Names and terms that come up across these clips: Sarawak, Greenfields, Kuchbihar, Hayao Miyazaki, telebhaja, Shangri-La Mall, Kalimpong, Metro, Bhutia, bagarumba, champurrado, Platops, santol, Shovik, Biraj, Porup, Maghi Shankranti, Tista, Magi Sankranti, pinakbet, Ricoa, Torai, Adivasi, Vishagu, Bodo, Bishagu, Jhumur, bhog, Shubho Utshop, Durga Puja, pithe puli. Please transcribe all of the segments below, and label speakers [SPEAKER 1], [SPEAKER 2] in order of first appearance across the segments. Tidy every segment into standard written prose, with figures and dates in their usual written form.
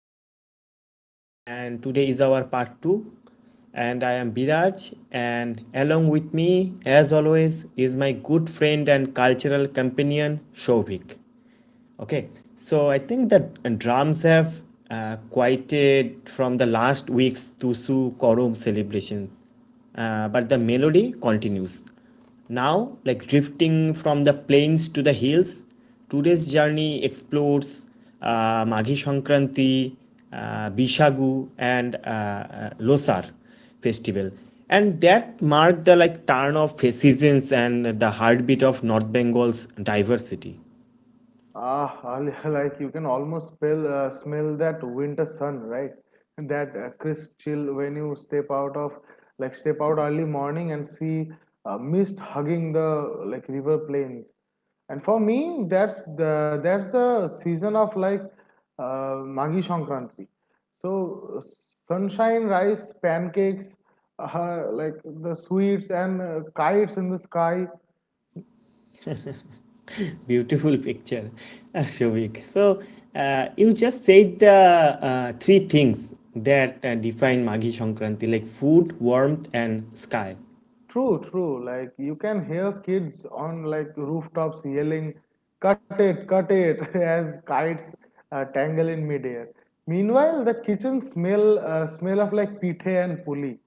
[SPEAKER 1] North Bengal, and today is our part 2, and I am Biraj, and along with me as always is my good friend and cultural companion Shovik. Okay, so I think that drums have quieted from the last week's Tusu Korum celebration, but the melody continues. Now, like drifting from the plains to the hills, today's journey explores Maghi Shankranti, Bishagu, and Losar festival, and that marked the like turn of seasons and the heartbeat of North Bengal's diversity.
[SPEAKER 2] Ah, like you can almost smell that winter sun, right? That crisp chill when you step out of step out early morning and see mist hugging the river plains. And for me, that's the season of Magi Sankranti. So sunshine, rice, pancakes, like the sweets and kites in the sky.
[SPEAKER 1] Beautiful picture, Shobik. So you just said the three things that define Maghi Shankranti, like food, warmth, and sky.
[SPEAKER 2] True, true. Like you can hear kids on rooftops yelling, "Cut it, cut it!" as kites tangle in midair. Meanwhile, the kitchen smell of pithe and puli.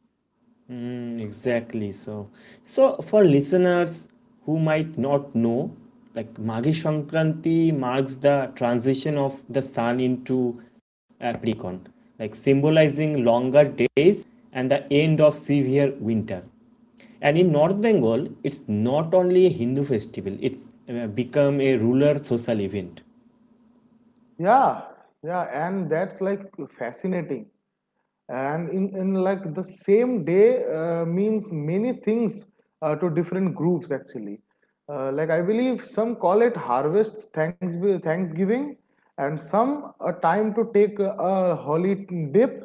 [SPEAKER 1] Mm, exactly. So for listeners who might not know, like Maghi Sankranti marks the transition of the sun into Capricorn, like symbolizing longer days and the end of severe winter. And in North Bengal, it's not only a Hindu festival; it's become a rural social event.
[SPEAKER 2] Yeah, yeah, and that's like fascinating. And in the same day means many things to different groups actually, like I believe some call it harvest thanks thanksgiving, and some a time to take a holy dip,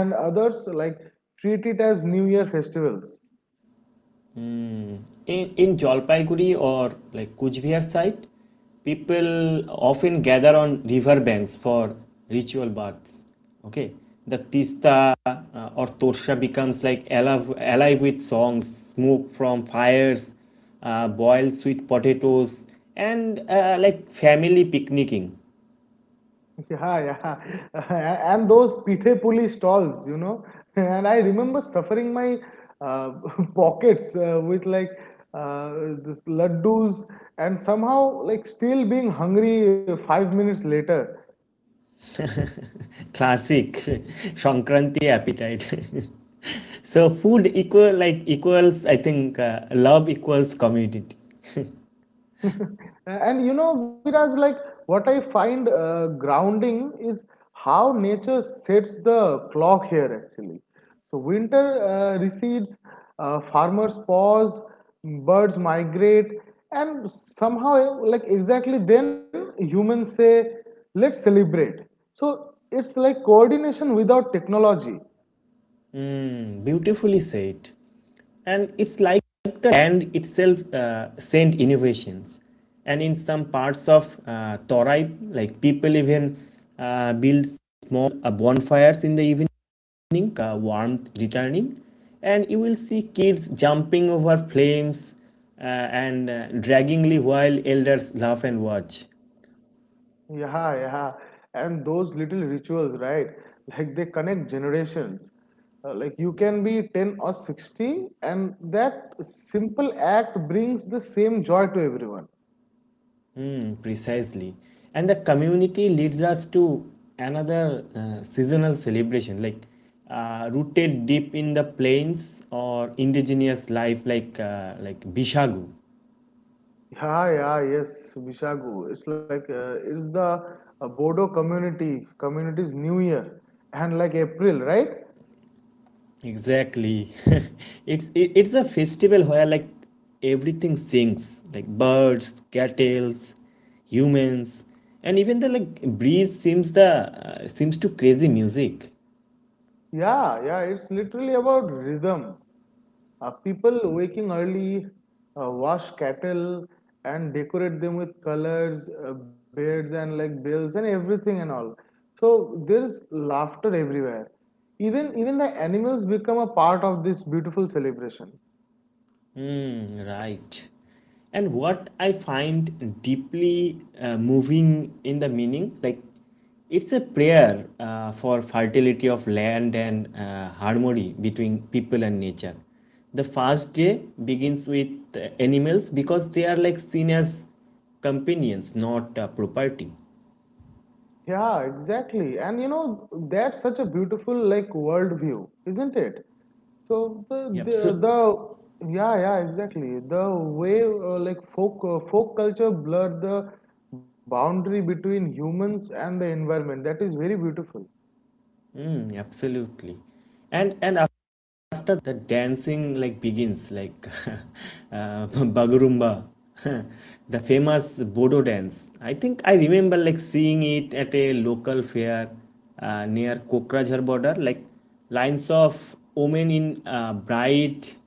[SPEAKER 2] and others like treat it as new year festivals.
[SPEAKER 1] In Jalpaiguri or like Kuchbihar side, people often gather on river banks for ritual baths. Okay, the Tista or Torsha becomes like alive, alive with songs, smoke from fires, boiled sweet potatoes, and like family picnicking.
[SPEAKER 2] Yeah, yeah. And those pithe puli stalls, And I remember suffering my uh, pockets with uh, this laddus and somehow like still being hungry 5 minutes later.
[SPEAKER 1] Classic Shankranti appetite. So food equals I think love equals community.
[SPEAKER 2] And you know, Viraj, like what I find grounding is how nature sets the clock here actually. So, winter recedes, farmers pause, birds migrate, and somehow, like exactly then, humans say, let's celebrate. So, it's like coordination without technology.
[SPEAKER 1] Beautifully said. And it's like the land itself sent innovations. And in some parts of Torai, like people even build small bonfires in the evening, warmth returning. And you will see kids jumping over flames uh, and draggingly while elders laugh and watch.
[SPEAKER 2] Yeah, yeah. And those little rituals, right? Like they connect generations. Like you can be 10 or 60, and that simple act brings the same joy to everyone.
[SPEAKER 1] Hmm, precisely. And the community leads us to another seasonal celebration, like rooted deep in the plains or indigenous life, like Bishagu.
[SPEAKER 2] Yeah, yeah, yes, Vishagu. It's like it's the Bodo community's New Year, and like April, right?
[SPEAKER 1] Exactly. It's a festival where like everything sings, like birds, cattle, humans, and even the like breeze seems the seems to crazy music.
[SPEAKER 2] Yeah, yeah. It's literally about rhythm. People waking early, wash cattle and decorate them with colors, birds, and like bells and everything and all. So there's laughter everywhere. Even the animals become a part of this beautiful celebration.
[SPEAKER 1] Right. And what I find deeply moving in the meaning, like it's a prayer for fertility of land and harmony between people and nature. The first day begins with animals because they are like seen as companions, not property.
[SPEAKER 2] Yeah, exactly. And you know, that's such a beautiful like worldview, isn't it? So
[SPEAKER 1] Yep, so,
[SPEAKER 2] the yeah, yeah, exactly. The way like folk culture blurred the boundary between humans and the environment. That is very beautiful.
[SPEAKER 1] mm, absolutely. And after the dancing like begins like uh, bagarumba the famous bodo dance. I think I remember like seeing it at a local fair near Kokrajhar border, like lines of women in bright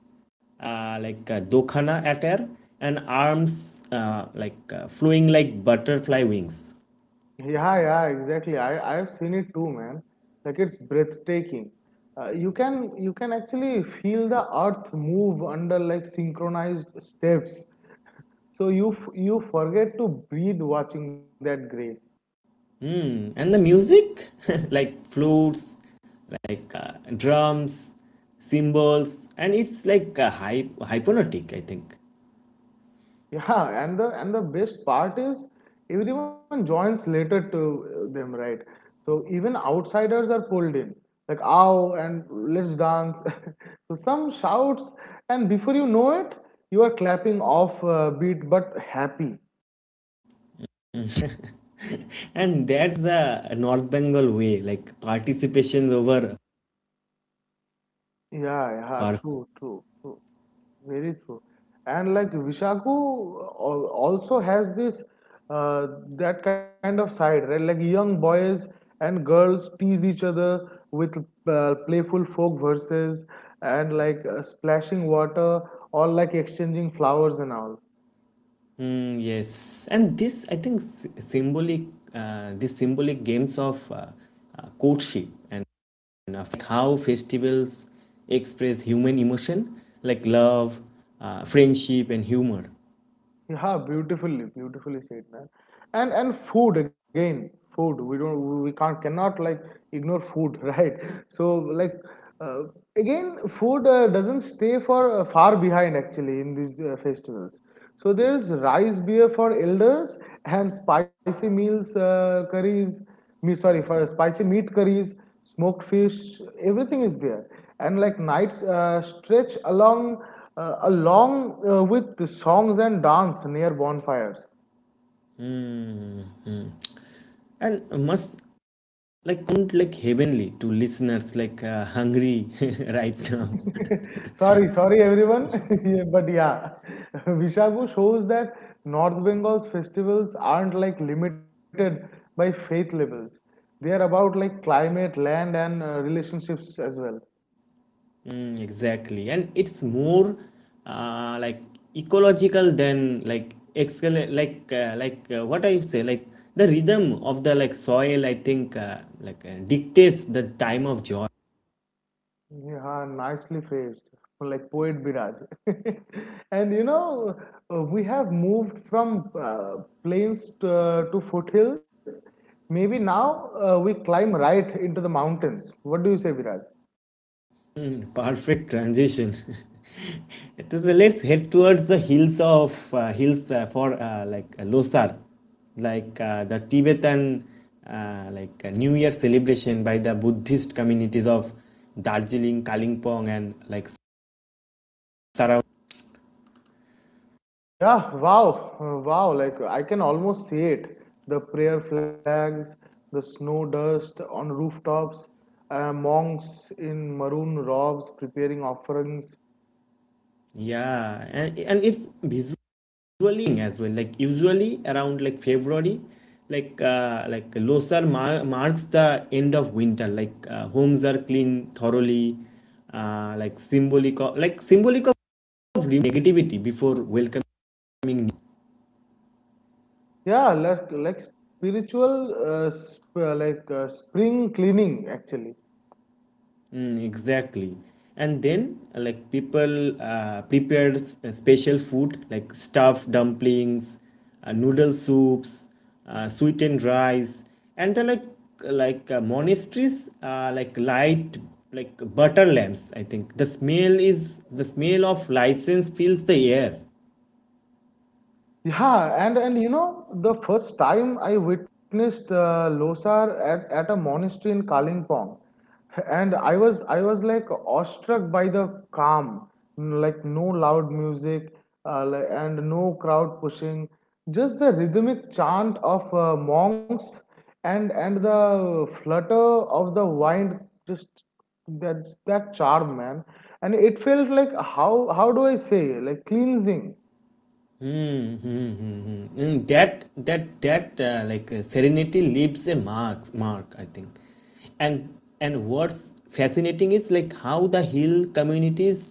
[SPEAKER 1] dokhana attire, and arms flowing like butterfly wings.
[SPEAKER 2] Yeah, yeah, exactly. I've seen it too, man. Like it's breathtaking. You can actually feel the earth move under like synchronized steps. So you forget to breathe watching that grace.
[SPEAKER 1] Mm, and the music, like flutes, drums, cymbals, and it's like hypnotic, I think.
[SPEAKER 2] Yeah, and the best part is everyone joins later to them, right? So even outsiders are pulled in, like ow and let's dance. So some shouts, and before you know it, you are clapping off beat but happy.
[SPEAKER 1] Mm. And that's the North Bengal way, like participations over
[SPEAKER 2] Yeah, yeah,
[SPEAKER 1] par.
[SPEAKER 2] true, true, true. Very true. And like Vishaku also has this uh, that kind of side, right? Like young boys and girls tease each other with playful folk verses and splashing water or like exchanging flowers and all.
[SPEAKER 1] Mm, yes, and this I think symbolic, these symbolic games of courtship and affect how festivals express human emotion, like love, friendship, and humor.
[SPEAKER 2] Yeah, beautifully, beautifully said, man. And food again, food. We don't, we can't, cannot like ignore food, right? So like, uh, again, food doesn't stay for far behind actually in these festivals. So there's rice beer for elders and spicy meals, curries. Me sorry for spicy meat curries, smoked fish, everything is there. And like nights stretch along with the songs and dance near bonfires.
[SPEAKER 1] Mm-hmm. And must like sound like heavenly to listeners like hungry right now.
[SPEAKER 2] Sorry, sorry everyone, but yeah, Vishagu shows that North Bengal's festivals aren't like limited by faith levels. They are about like climate, land, and relationships as well.
[SPEAKER 1] Mm, exactly, and it's more like ecological than like excel like what I say like the rhythm of the like soil. I think dictates the time of joy.
[SPEAKER 2] Yeah, nicely phrased, like poet Biraj. And you know, we have moved from plains to foothills. Maybe now we climb right into the mountains. What do you say, Biraj?
[SPEAKER 1] Mm, perfect transition. It is- Let's head towards the hills of hills for Losar, the Tibetan New Year celebration by the Buddhist communities of Darjeeling, Kalimpong, and like Sarawak.
[SPEAKER 2] Yeah, wow, wow, like I can almost see it. The prayer flags, the snow dust on rooftops, monks in maroon robes preparing offerings,
[SPEAKER 1] Yeah, and it's visually as well. Like usually around like February, like Losar marks the end of winter. Like homes are cleaned thoroughly, like symbolic of negativity before welcoming.
[SPEAKER 2] yeah, spiritual spring cleaning actually.
[SPEAKER 1] Mm, exactly. And then like people prepared special food like stuffed dumplings, noodle soups, sweetened rice, and the monasteries like light like butter lamps. I think the smell of license fills the air.
[SPEAKER 2] Yeah, and you know, the first time I witnessed Losar at a monastery in Kalimpong, and I was like awestruck by the calm, like no loud music, and no crowd pushing, just the rhythmic chant of monks and the flutter of the wind, just that charm, man. And it felt like how do I say like cleansing.
[SPEAKER 1] And that serenity leaves a mark, I think. And and what's fascinating is like how the hill communities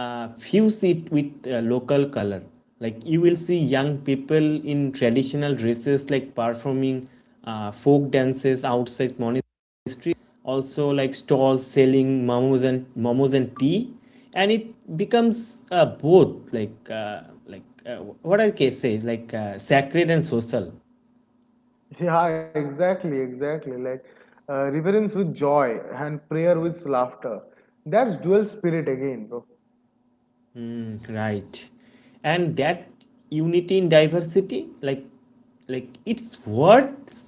[SPEAKER 1] fuse it with local color, like you will see young people in traditional dresses like performing folk dances outside monastery, also like stalls selling momos and tea, and it becomes both like what I can say like sacred and social.
[SPEAKER 2] Yeah, exactly, exactly. Like reverence with joy and prayer with laughter. That's dual spirit again, bro.
[SPEAKER 1] Right, and that unity in diversity, like its words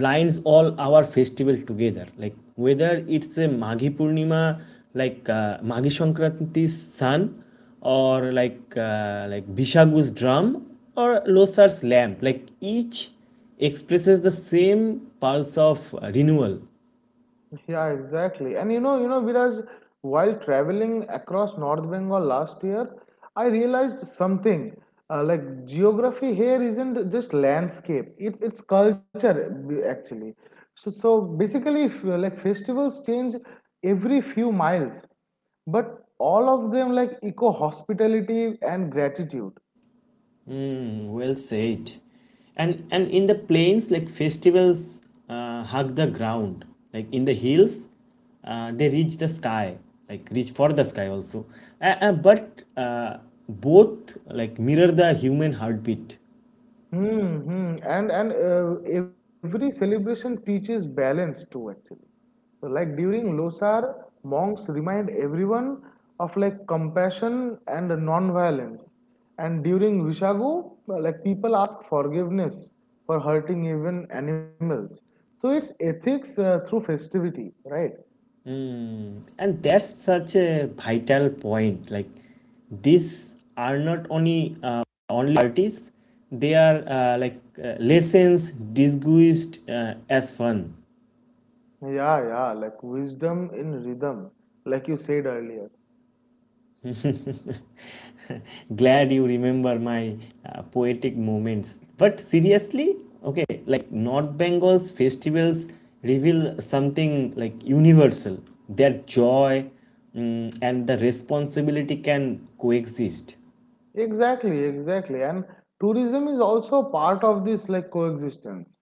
[SPEAKER 1] blinds all our festival together, like whether it's a Maghi Purnima, Maghi Sankranti's sun, or like Bishagu's drum, or Losar's lamp, like each expresses the same pulse of renewal.
[SPEAKER 2] Yeah, exactly. And Viraj, while traveling across North Bengal last year, I realized something. Like geography here isn't just landscape; it's culture actually. So so basically, if, like festivals change every few miles, but all of them like eco hospitality and gratitude.
[SPEAKER 1] Mm, well said. And in the plains, like festivals hug the ground. Like in the hills, they reach the sky. Like reach for the sky also. But both like mirror the human heartbeat,
[SPEAKER 2] Hmm, hmm. And every celebration teaches balance too, actually. So like during Losar, monks remind everyone of like compassion and non-violence. And during Vishagu, like people ask forgiveness for hurting even animals. So it's ethics through festivity, right?
[SPEAKER 1] and that's such a vital point. Like these are not only uh, only artists; they are lessons disguised as fun.
[SPEAKER 2] Yeah, yeah, like wisdom in rhythm, like you said earlier.
[SPEAKER 1] Glad you remember my poetic moments. But seriously, okay, like North Bengal's festivals reveal something like universal. Their joy mm, and the responsibility can coexist.
[SPEAKER 2] Exactly, exactly. And tourism is also part of this like coexistence.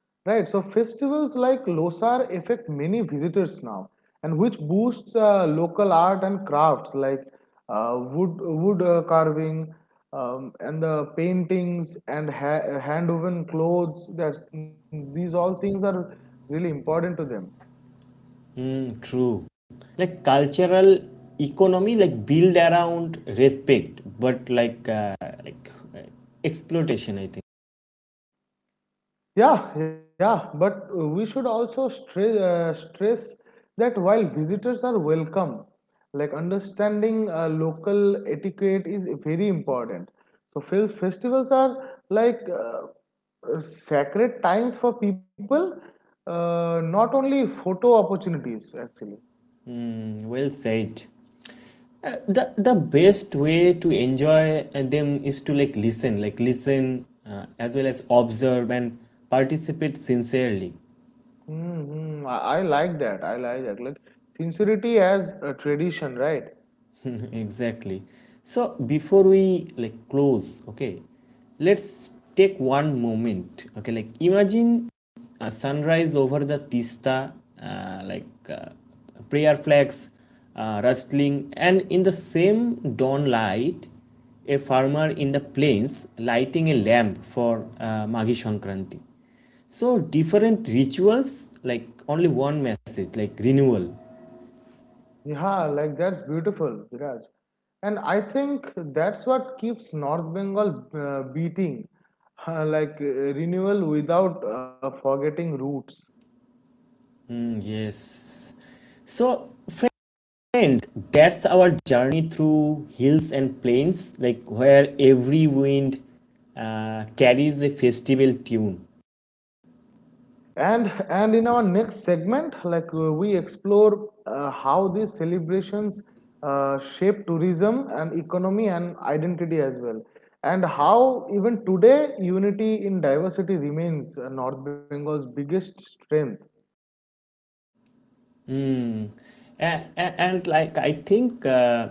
[SPEAKER 2] Right? So festivals like Losar affect many visitors now and which boosts local art and crafts like wood wood carving, and the paintings and hand woven clothes, that these all things are really important to them.
[SPEAKER 1] Mm, true. Like cultural economy, like build around respect, but like exploitation. I think.
[SPEAKER 2] Yeah, yeah, but we should also stress that while visitors are welcome, like understanding local etiquette is very important. So, festivals are sacred times for people, not only photo opportunities, actually.
[SPEAKER 1] Well said. The the best way to enjoy them is to like listen as well as observe and participate sincerely.
[SPEAKER 2] Hmm, I like that. I like that. Like, sincerity as a tradition, right?
[SPEAKER 1] Exactly. So before we like close, okay, let's take one moment. Okay, like imagine a sunrise over the Tista, uh, like uh, prayer flags rustling, and in the same dawn light, a farmer in the plains lighting a lamp for Maghi Sankranti. So different rituals, like only one message, like renewal.
[SPEAKER 2] Yeah, like that's beautiful, Viraj. And I think that's what keeps North Bengal beating, renewal without forgetting roots.
[SPEAKER 1] Mm, yes. So, and that's our journey through hills and plains, like where every wind carries a festival tune.
[SPEAKER 2] And in our next segment, like we explore how these celebrations shape tourism and economy and identity as well, and how even today unity in diversity remains North Bengal's biggest strength.
[SPEAKER 1] Mm. And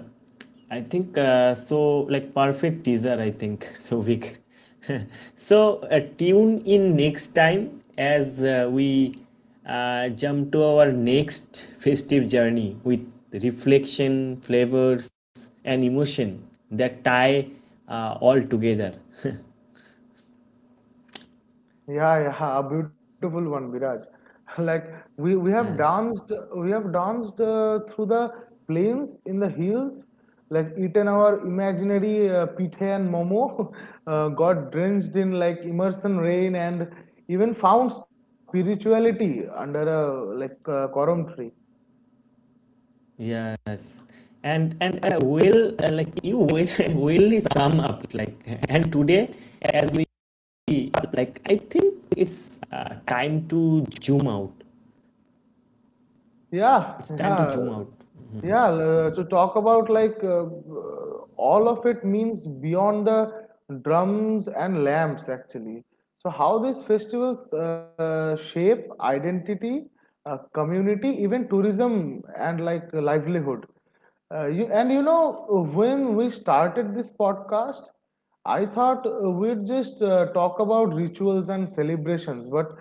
[SPEAKER 1] I think so like perfect teaser I think so big. So tune in next time as we jump to our next festive journey with reflection, flavors, and emotion that tie all together.
[SPEAKER 2] Yeah, yeah, a beautiful one, Viraj. Like we we have
[SPEAKER 1] Uh,
[SPEAKER 2] danced, we have danced through the plains in the hills, like eaten our imaginary pithe and momo, got drenched in like immersion rain, and even found spirituality under a coram tree.
[SPEAKER 1] yes, and will like you will will is sum up like and today as we like I think it's time to zoom out.
[SPEAKER 2] Yeah,
[SPEAKER 1] It's time to
[SPEAKER 2] yeah,
[SPEAKER 1] zoom out.
[SPEAKER 2] yeah. To talk about all of it means beyond the drums and lamps actually. So how these festivals shape identity, community, even tourism and like livelihood. And you know, when we started this podcast, I thought we'd just talk about rituals and celebrations, but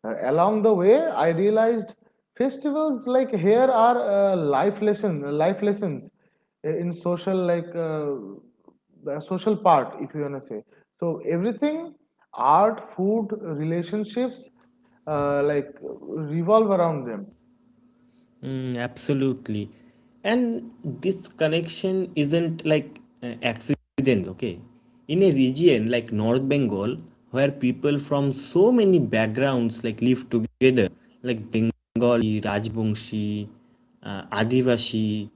[SPEAKER 2] along the way, I realized festivals like here are life lessons in social like the social part, if you wanna say. So everything, art, food, relationships, like revolve around them.
[SPEAKER 1] Mm, absolutely. And this connection isn't like accident, okay? In a region like North Bengal, where people from so many backgrounds like live together, like Bengali, Rajbongshi, Adivasi,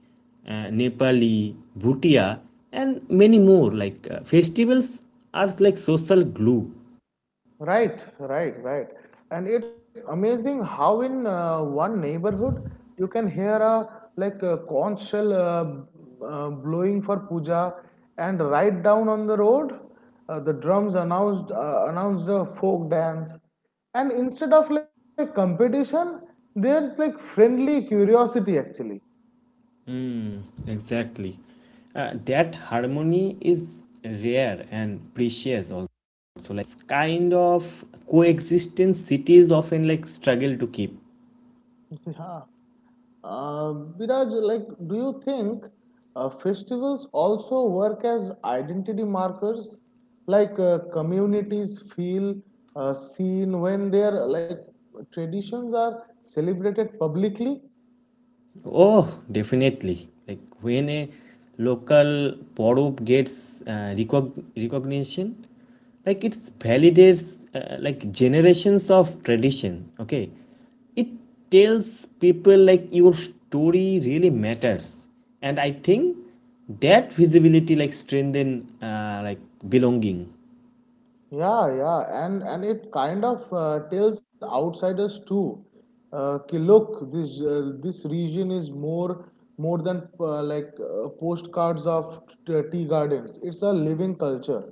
[SPEAKER 1] Nepali, Bhutia, and many more, festivals are like social glue.
[SPEAKER 2] Right, right, right. And it's amazing how in one neighborhood you can hear a conch shell blowing for puja, and right down on the road, the drums announced a folk dance, and instead of like competition, there's like friendly curiosity actually.
[SPEAKER 1] Exactly. That harmony is rare and precious also. Like it's kind of coexistence cities often like struggle to keep.
[SPEAKER 2] Yeah. Uh, Biraj, like, do you think festivals also work as identity markers? Like, communities feel seen when their like traditions are celebrated publicly.
[SPEAKER 1] Oh, definitely. Like when a local Porup gets recognition, like it's validates like generations of tradition. Okay, it tells people like your story really matters, and I think that visibility like strengthen like belonging.
[SPEAKER 2] Yeah, yeah, and it kind of tells outsiders too. कि look, this region is more than postcards of tea gardens. It's a living culture.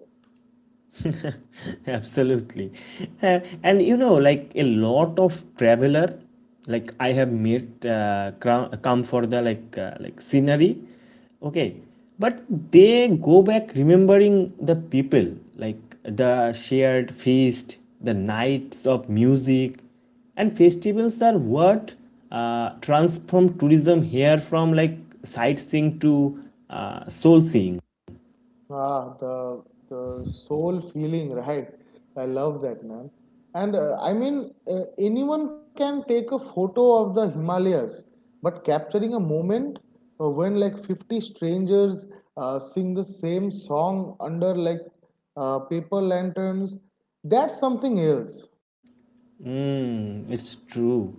[SPEAKER 1] Absolutely. And you know, like a lot of traveler, like I have met, come for the like scenery, okay, but they go back remembering the people, like the shared feast, the nights of music, and festivals are what transform tourism here from like sightseeing to soul seeing.
[SPEAKER 2] Ah, the soul feeling, right? I love that, man. And I mean, anyone can take a photo of the Himalayas, but capturing a moment when like 50 strangers sing the same song under paper lanterns, that's something else.
[SPEAKER 1] Hmm, it's true.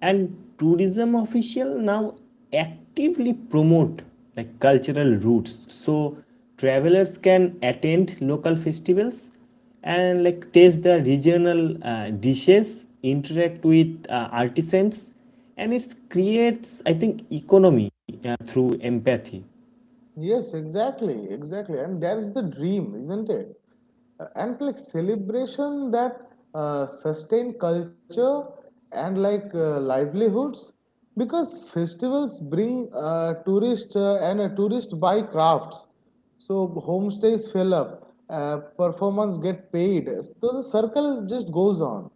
[SPEAKER 1] And tourism official now actively promote like cultural routes so travelers can attend local festivals and like taste the regional dishes, interact with artisans, and it creates I think economy through empathy.
[SPEAKER 2] Yes, exactly, exactly. And that is the dream, isn't it? And like celebration that sustain culture and livelihoods, because festivals bring tourists and tourist buy crafts. So homestays fill up, performance get paid. So the circle just goes on.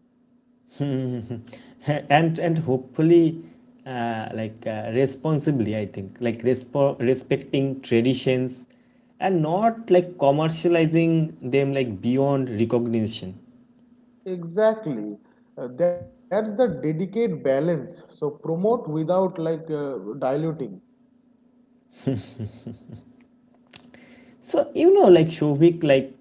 [SPEAKER 1] Mhm. And hopefully responsibly I think like respecting traditions and not like commercializing them like beyond recognition.
[SPEAKER 2] Exactly. That's the dedicate balance. So promote without diluting.
[SPEAKER 1] So you know, like Shovik, like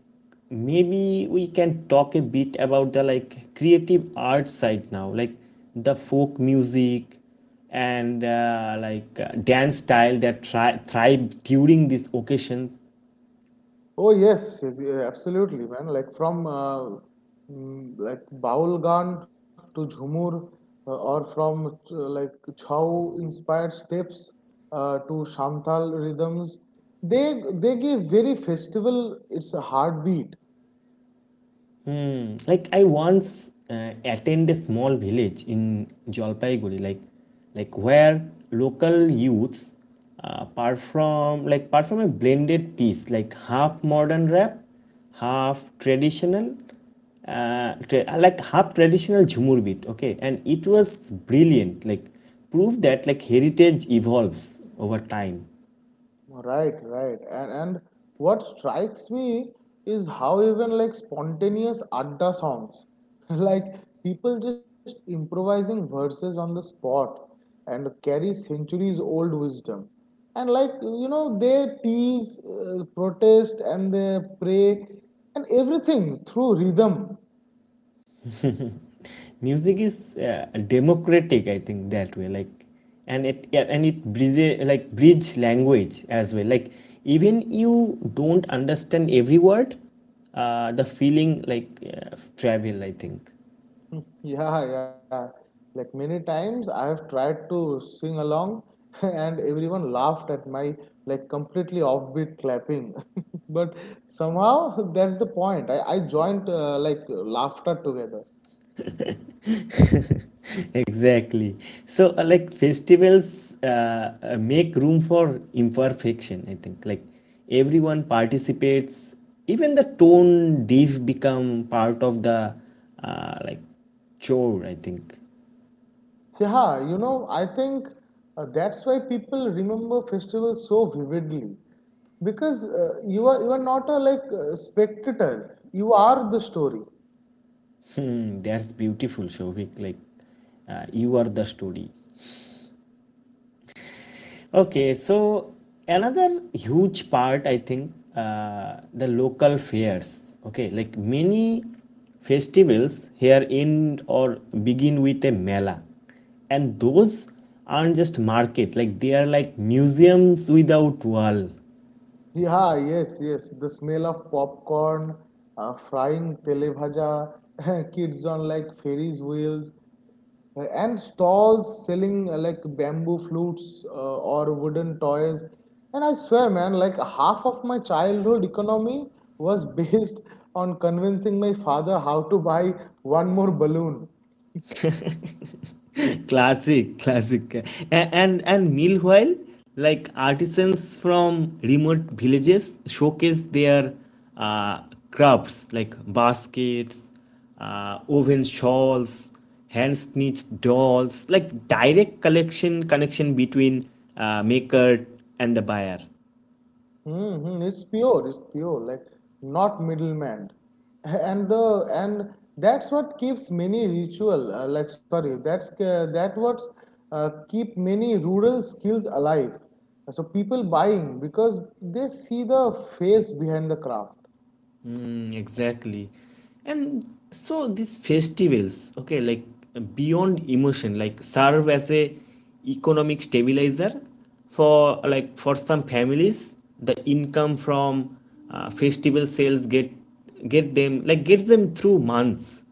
[SPEAKER 1] maybe we can talk a bit about the like creative art side now, like the folk music and dance style that thrive during this occasion.
[SPEAKER 2] Oh yes, yeah, absolutely, man. Like from like Baulgan to Jhumur, or from like Chhau-inspired steps to Shamtal rhythms, they give very festival its a heartbeat.
[SPEAKER 1] Mm, like I once attend a small village in Jalpaiguri, like where local youths perform a blended piece, like half modern rap, half traditional, half traditional jhumur beat. Okay, and it was brilliant. Like proof that like heritage evolves over time.
[SPEAKER 2] Right, right. And what strikes me is how even like spontaneous adda songs, like people just improvising verses on the spot and carry centuries old wisdom. And like you know, they tease, protest, and they pray, and everything through rhythm.
[SPEAKER 1] Music is democratic I think that way, like and it yeah, and it bridge language as well, like even you don't understand every word, the feeling like travel, I think.
[SPEAKER 2] Yeah, yeah. Like many times I have tried to sing along and everyone laughed at my like completely offbeat clapping. But somehow that's the point. I joined like laughter together.
[SPEAKER 1] Exactly. So like festivals make room for imperfection, I think, like everyone participates, even the tone diff become part of the uh, like chore I think.
[SPEAKER 2] Yeah, you know, I think that's why people remember festivals so vividly because you are not a spectator. You are the story.
[SPEAKER 1] Hmm, that's beautiful, Shobhik. Like, you are the story. Okay, so another huge part, I think, the local fairs. Okay, like many festivals here end or begin with a mela, and those aren't just markets. Like they are like museums without wall.
[SPEAKER 2] Yeah, yes, yes. The smell of popcorn, frying telebhaja, kids on like Ferris wheels, and stalls selling like bamboo flutes or wooden toys. And I swear, man, like half of my childhood economy was based on convincing my father how to buy one more balloon.
[SPEAKER 1] Classic, classic. And meanwhile, like, artisans from remote villages showcase their uh, crafts like baskets, woven shawls, hand stitched dolls, like direct collection connection between maker and the buyer.
[SPEAKER 2] Mm-hmm. It's pure, like not middleman. And that's what keeps many ritual like sorry, that's that what's keep many rural skills alive. So people buying because they see the face behind the craft.
[SPEAKER 1] Exactly. And so these festivals, okay, like beyond emotion, like serve as a economic stabilizer for like for some families, the income from festival sales get them, like gets them through months.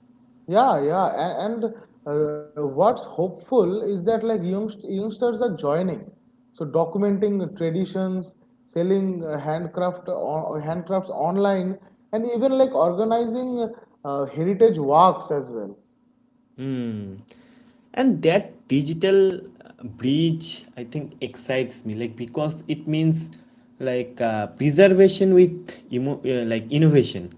[SPEAKER 2] Yeah, yeah, and what's hopeful is that like youngsters are joining, so documenting traditions, selling handcrafts online, and even like organizing heritage walks as well.
[SPEAKER 1] And that digital bridge, I think, excites me, like because it means like preservation with like innovation,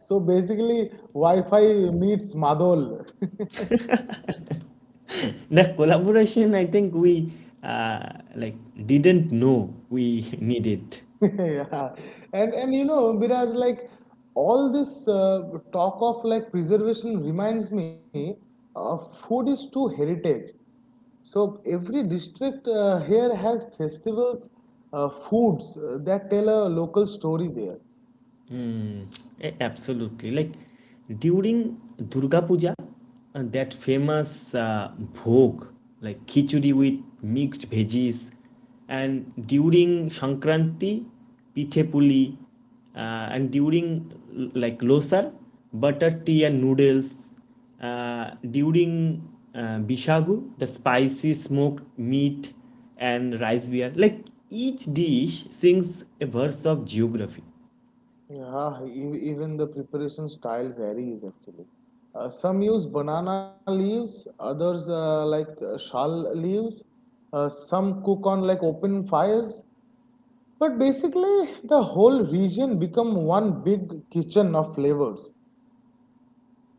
[SPEAKER 2] So basically, Wi-Fi meets Madol.
[SPEAKER 1] the collaboration I think we uh, like didn't know we needed.
[SPEAKER 2] Yeah, and you know, Biraj, like all this talk of like preservation reminds me, uh, food is too heritage. So every district here has festivals, foods that tell a local story there.
[SPEAKER 1] Mm, absolutely. Like during Durga Puja, that famous bhog, like khichdi with mixed veggies, and during Sankranti, pithe puli, and during like losar, butter tea and noodles. During Bishagu, the spicy smoked meat and rice beer. Like each dish sings a verse of geography.
[SPEAKER 2] Yeah, even the preparation style varies actually. Some use banana leaves, others shal leaves. Some cook on like open fires, but basically the whole region become one big kitchen of flavors.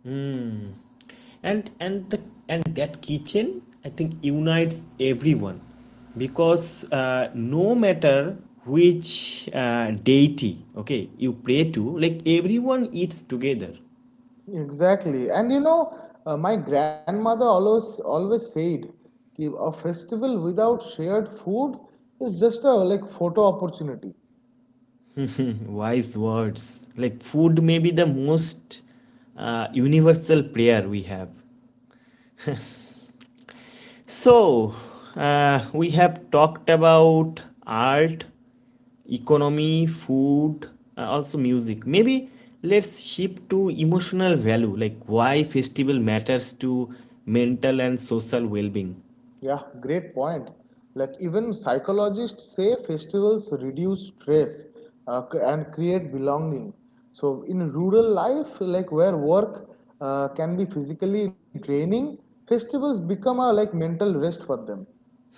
[SPEAKER 1] Hmm. And and the and that kitchen, I think, unites everyone because no matter which deity, okay, you pray to, like everyone eats together.
[SPEAKER 2] Exactly. And you know, my grandmother always said कि a festival without shared food is just a like photo opportunity.
[SPEAKER 1] Mhm, wise words. Like food may be the most universal prayer we have. So, we have talked about art, economy, food, also music. Maybe let's shift to emotional value, like why festival matters to mental and social well-being.
[SPEAKER 2] Yeah, great point. Like even psychologists say festivals reduce stress and create belonging. So in rural life, like where work can be physically draining, festivals become a like mental rest for them.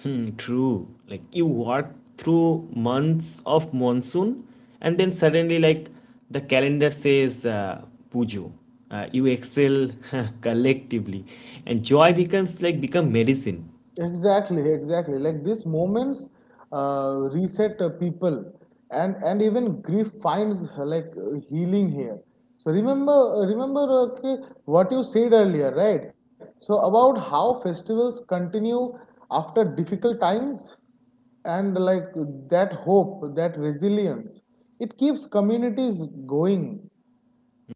[SPEAKER 1] Hmm, true. Like you work through months of monsoon, and then suddenly, like the calendar says, Pujo. You excel collectively, and joy becomes like become medicine.
[SPEAKER 2] Exactly, exactly. Like these moments reset people, and even grief finds healing here. So remember, okay, what you said earlier, right? So about how festivals continue after difficult times, and like that hope, that resilience, it keeps communities going.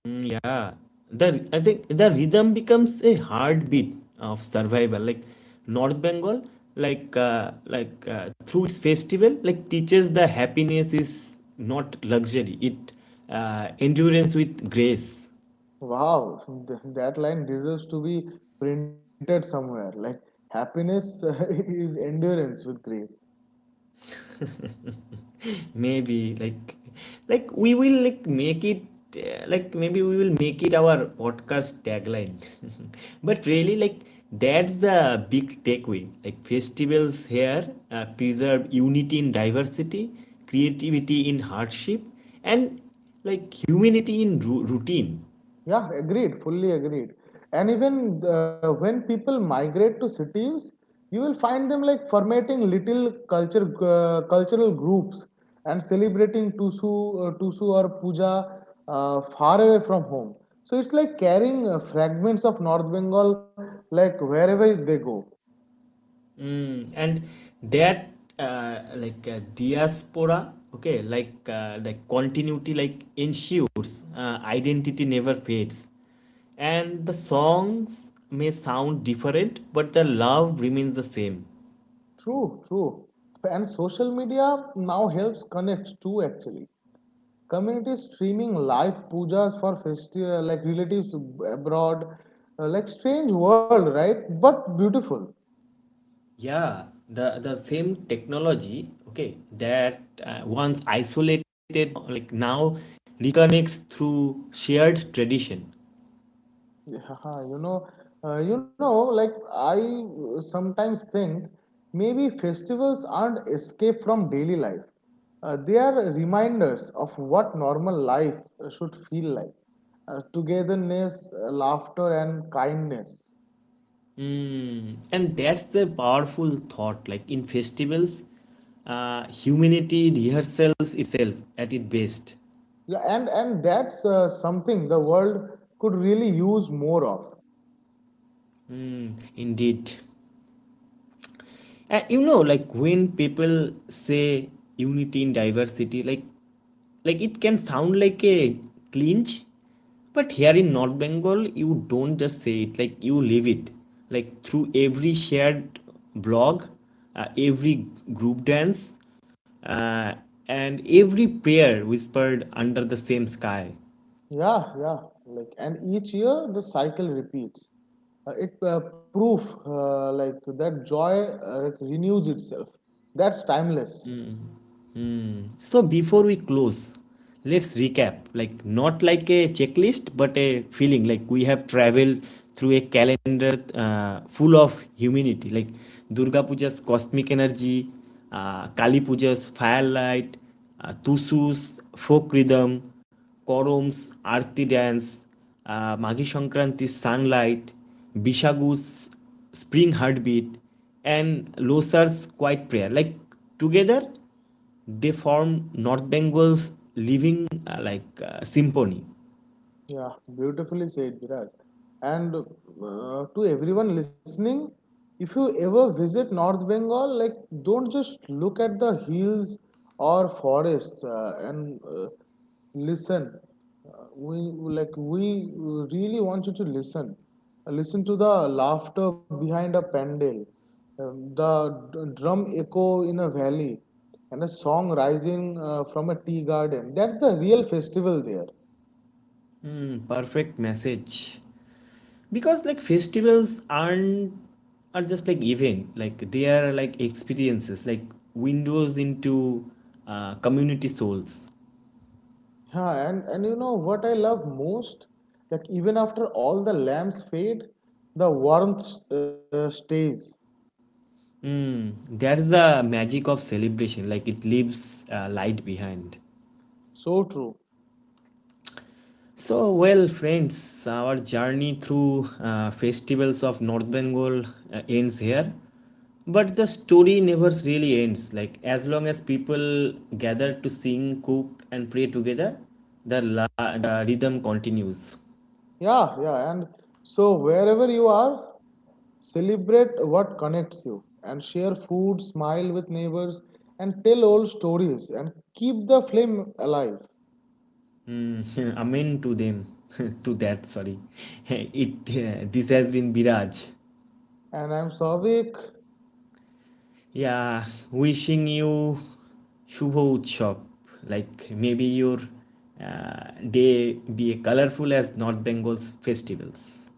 [SPEAKER 1] Mm, yeah, the I think the rhythm becomes a heartbeat of survival. Like North Bengal, like through its festival, like teaches the happiness is not luxury. It endurance with grace.
[SPEAKER 2] Wow, that line deserves to be printed somewhere. Like, happiness is endurance with grace.
[SPEAKER 1] Maybe, like, we will like make it like maybe we will make it our podcast tagline but really, like that's the big takeaway, like festivals here preserve unity in diversity, creativity in hardship, and like humanity in routine.
[SPEAKER 2] Yeah, agreed, fully agreed. And even when people migrate to cities, you will find them like formatting little culture cultural groups and celebrating tusu or puja far away from home. So it's like carrying fragments of North Bengal like wherever they go.
[SPEAKER 1] Mm, and that diaspora, okay, like continuity, like ensures identity never fades, and the songs may sound different, but the love remains the same.
[SPEAKER 2] True, true. And social media now helps connect too actually. Communities streaming live pujas for festival like relatives abroad, like strange world, right? But beautiful.
[SPEAKER 1] Yeah, the same technology, okay, that once isolated, like now reconnects through shared tradition.
[SPEAKER 2] Yeah, you know, uh, you know, like I sometimes think maybe festivals aren't escape from daily life. They are reminders of what normal life should feel like. Togetherness, laughter, and kindness.
[SPEAKER 1] Mm, and that's a powerful thought. Like in festivals, humanity rehearsals itself at its best.
[SPEAKER 2] Yeah, and that's something the world could really use more of.
[SPEAKER 1] Mm, indeed. You know, like when people say unity in diversity, like it can sound like a clinch, but here in North Bengal, you don't just say it, like you live it. Like through every shared blog, every group dance, uh, and every prayer whispered under the same sky.
[SPEAKER 2] Yeah, yeah. Like, and each year the cycle repeats. It Proof like that joy like, renews itself. That's timeless.
[SPEAKER 1] So before we close, let's recap. Like not like a checklist, but a feeling. Like we have traveled through a calendar full of humanity. Like Durga Puja's cosmic energy, Kali Puja's firelight, Tusu's folk rhythm, Korom's Arti dance, Maghi Sankranti's sunlight, Bishagu's spring heartbeat, and Losar's quiet prayer. Like together, they formed North Bengal's living symphony.
[SPEAKER 2] Yeah, beautifully said, Viraj. And to everyone listening, if you ever visit North Bengal, like don't just look at the hills or forests and listen. Uh, we we really want you to listen. Listen to the laughter behind a pandal, the drum echo in a valley, and a song rising from a tea garden. That's the real festival there.
[SPEAKER 1] Hmm, perfect message. Because like festivals aren't are just like event. Like they are like experiences, like windows into community souls.
[SPEAKER 2] Yeah, and you know what I love most? Like, even after all the lamps fade, the warmth stays.
[SPEAKER 1] Hmm, that's the magic of celebration. Like it leaves light behind.
[SPEAKER 2] So true.
[SPEAKER 1] So, well, friends, our journey through festivals of North Bengal ends here. But the story never really ends. Like, as long as people gather to sing, cook, and pray together, the, la- the rhythm continues.
[SPEAKER 2] Yeah, yeah. And so, wherever you are, celebrate what connects you and share food, smile with neighbors, and tell old stories and keep the flame alive.
[SPEAKER 1] Amen to them. To that, sorry. This has been Biraj.
[SPEAKER 2] And I'm Savik.
[SPEAKER 1] Yeah, wishing you Shubho Utshop. Like maybe your day be colorful as North Bengal's festivals.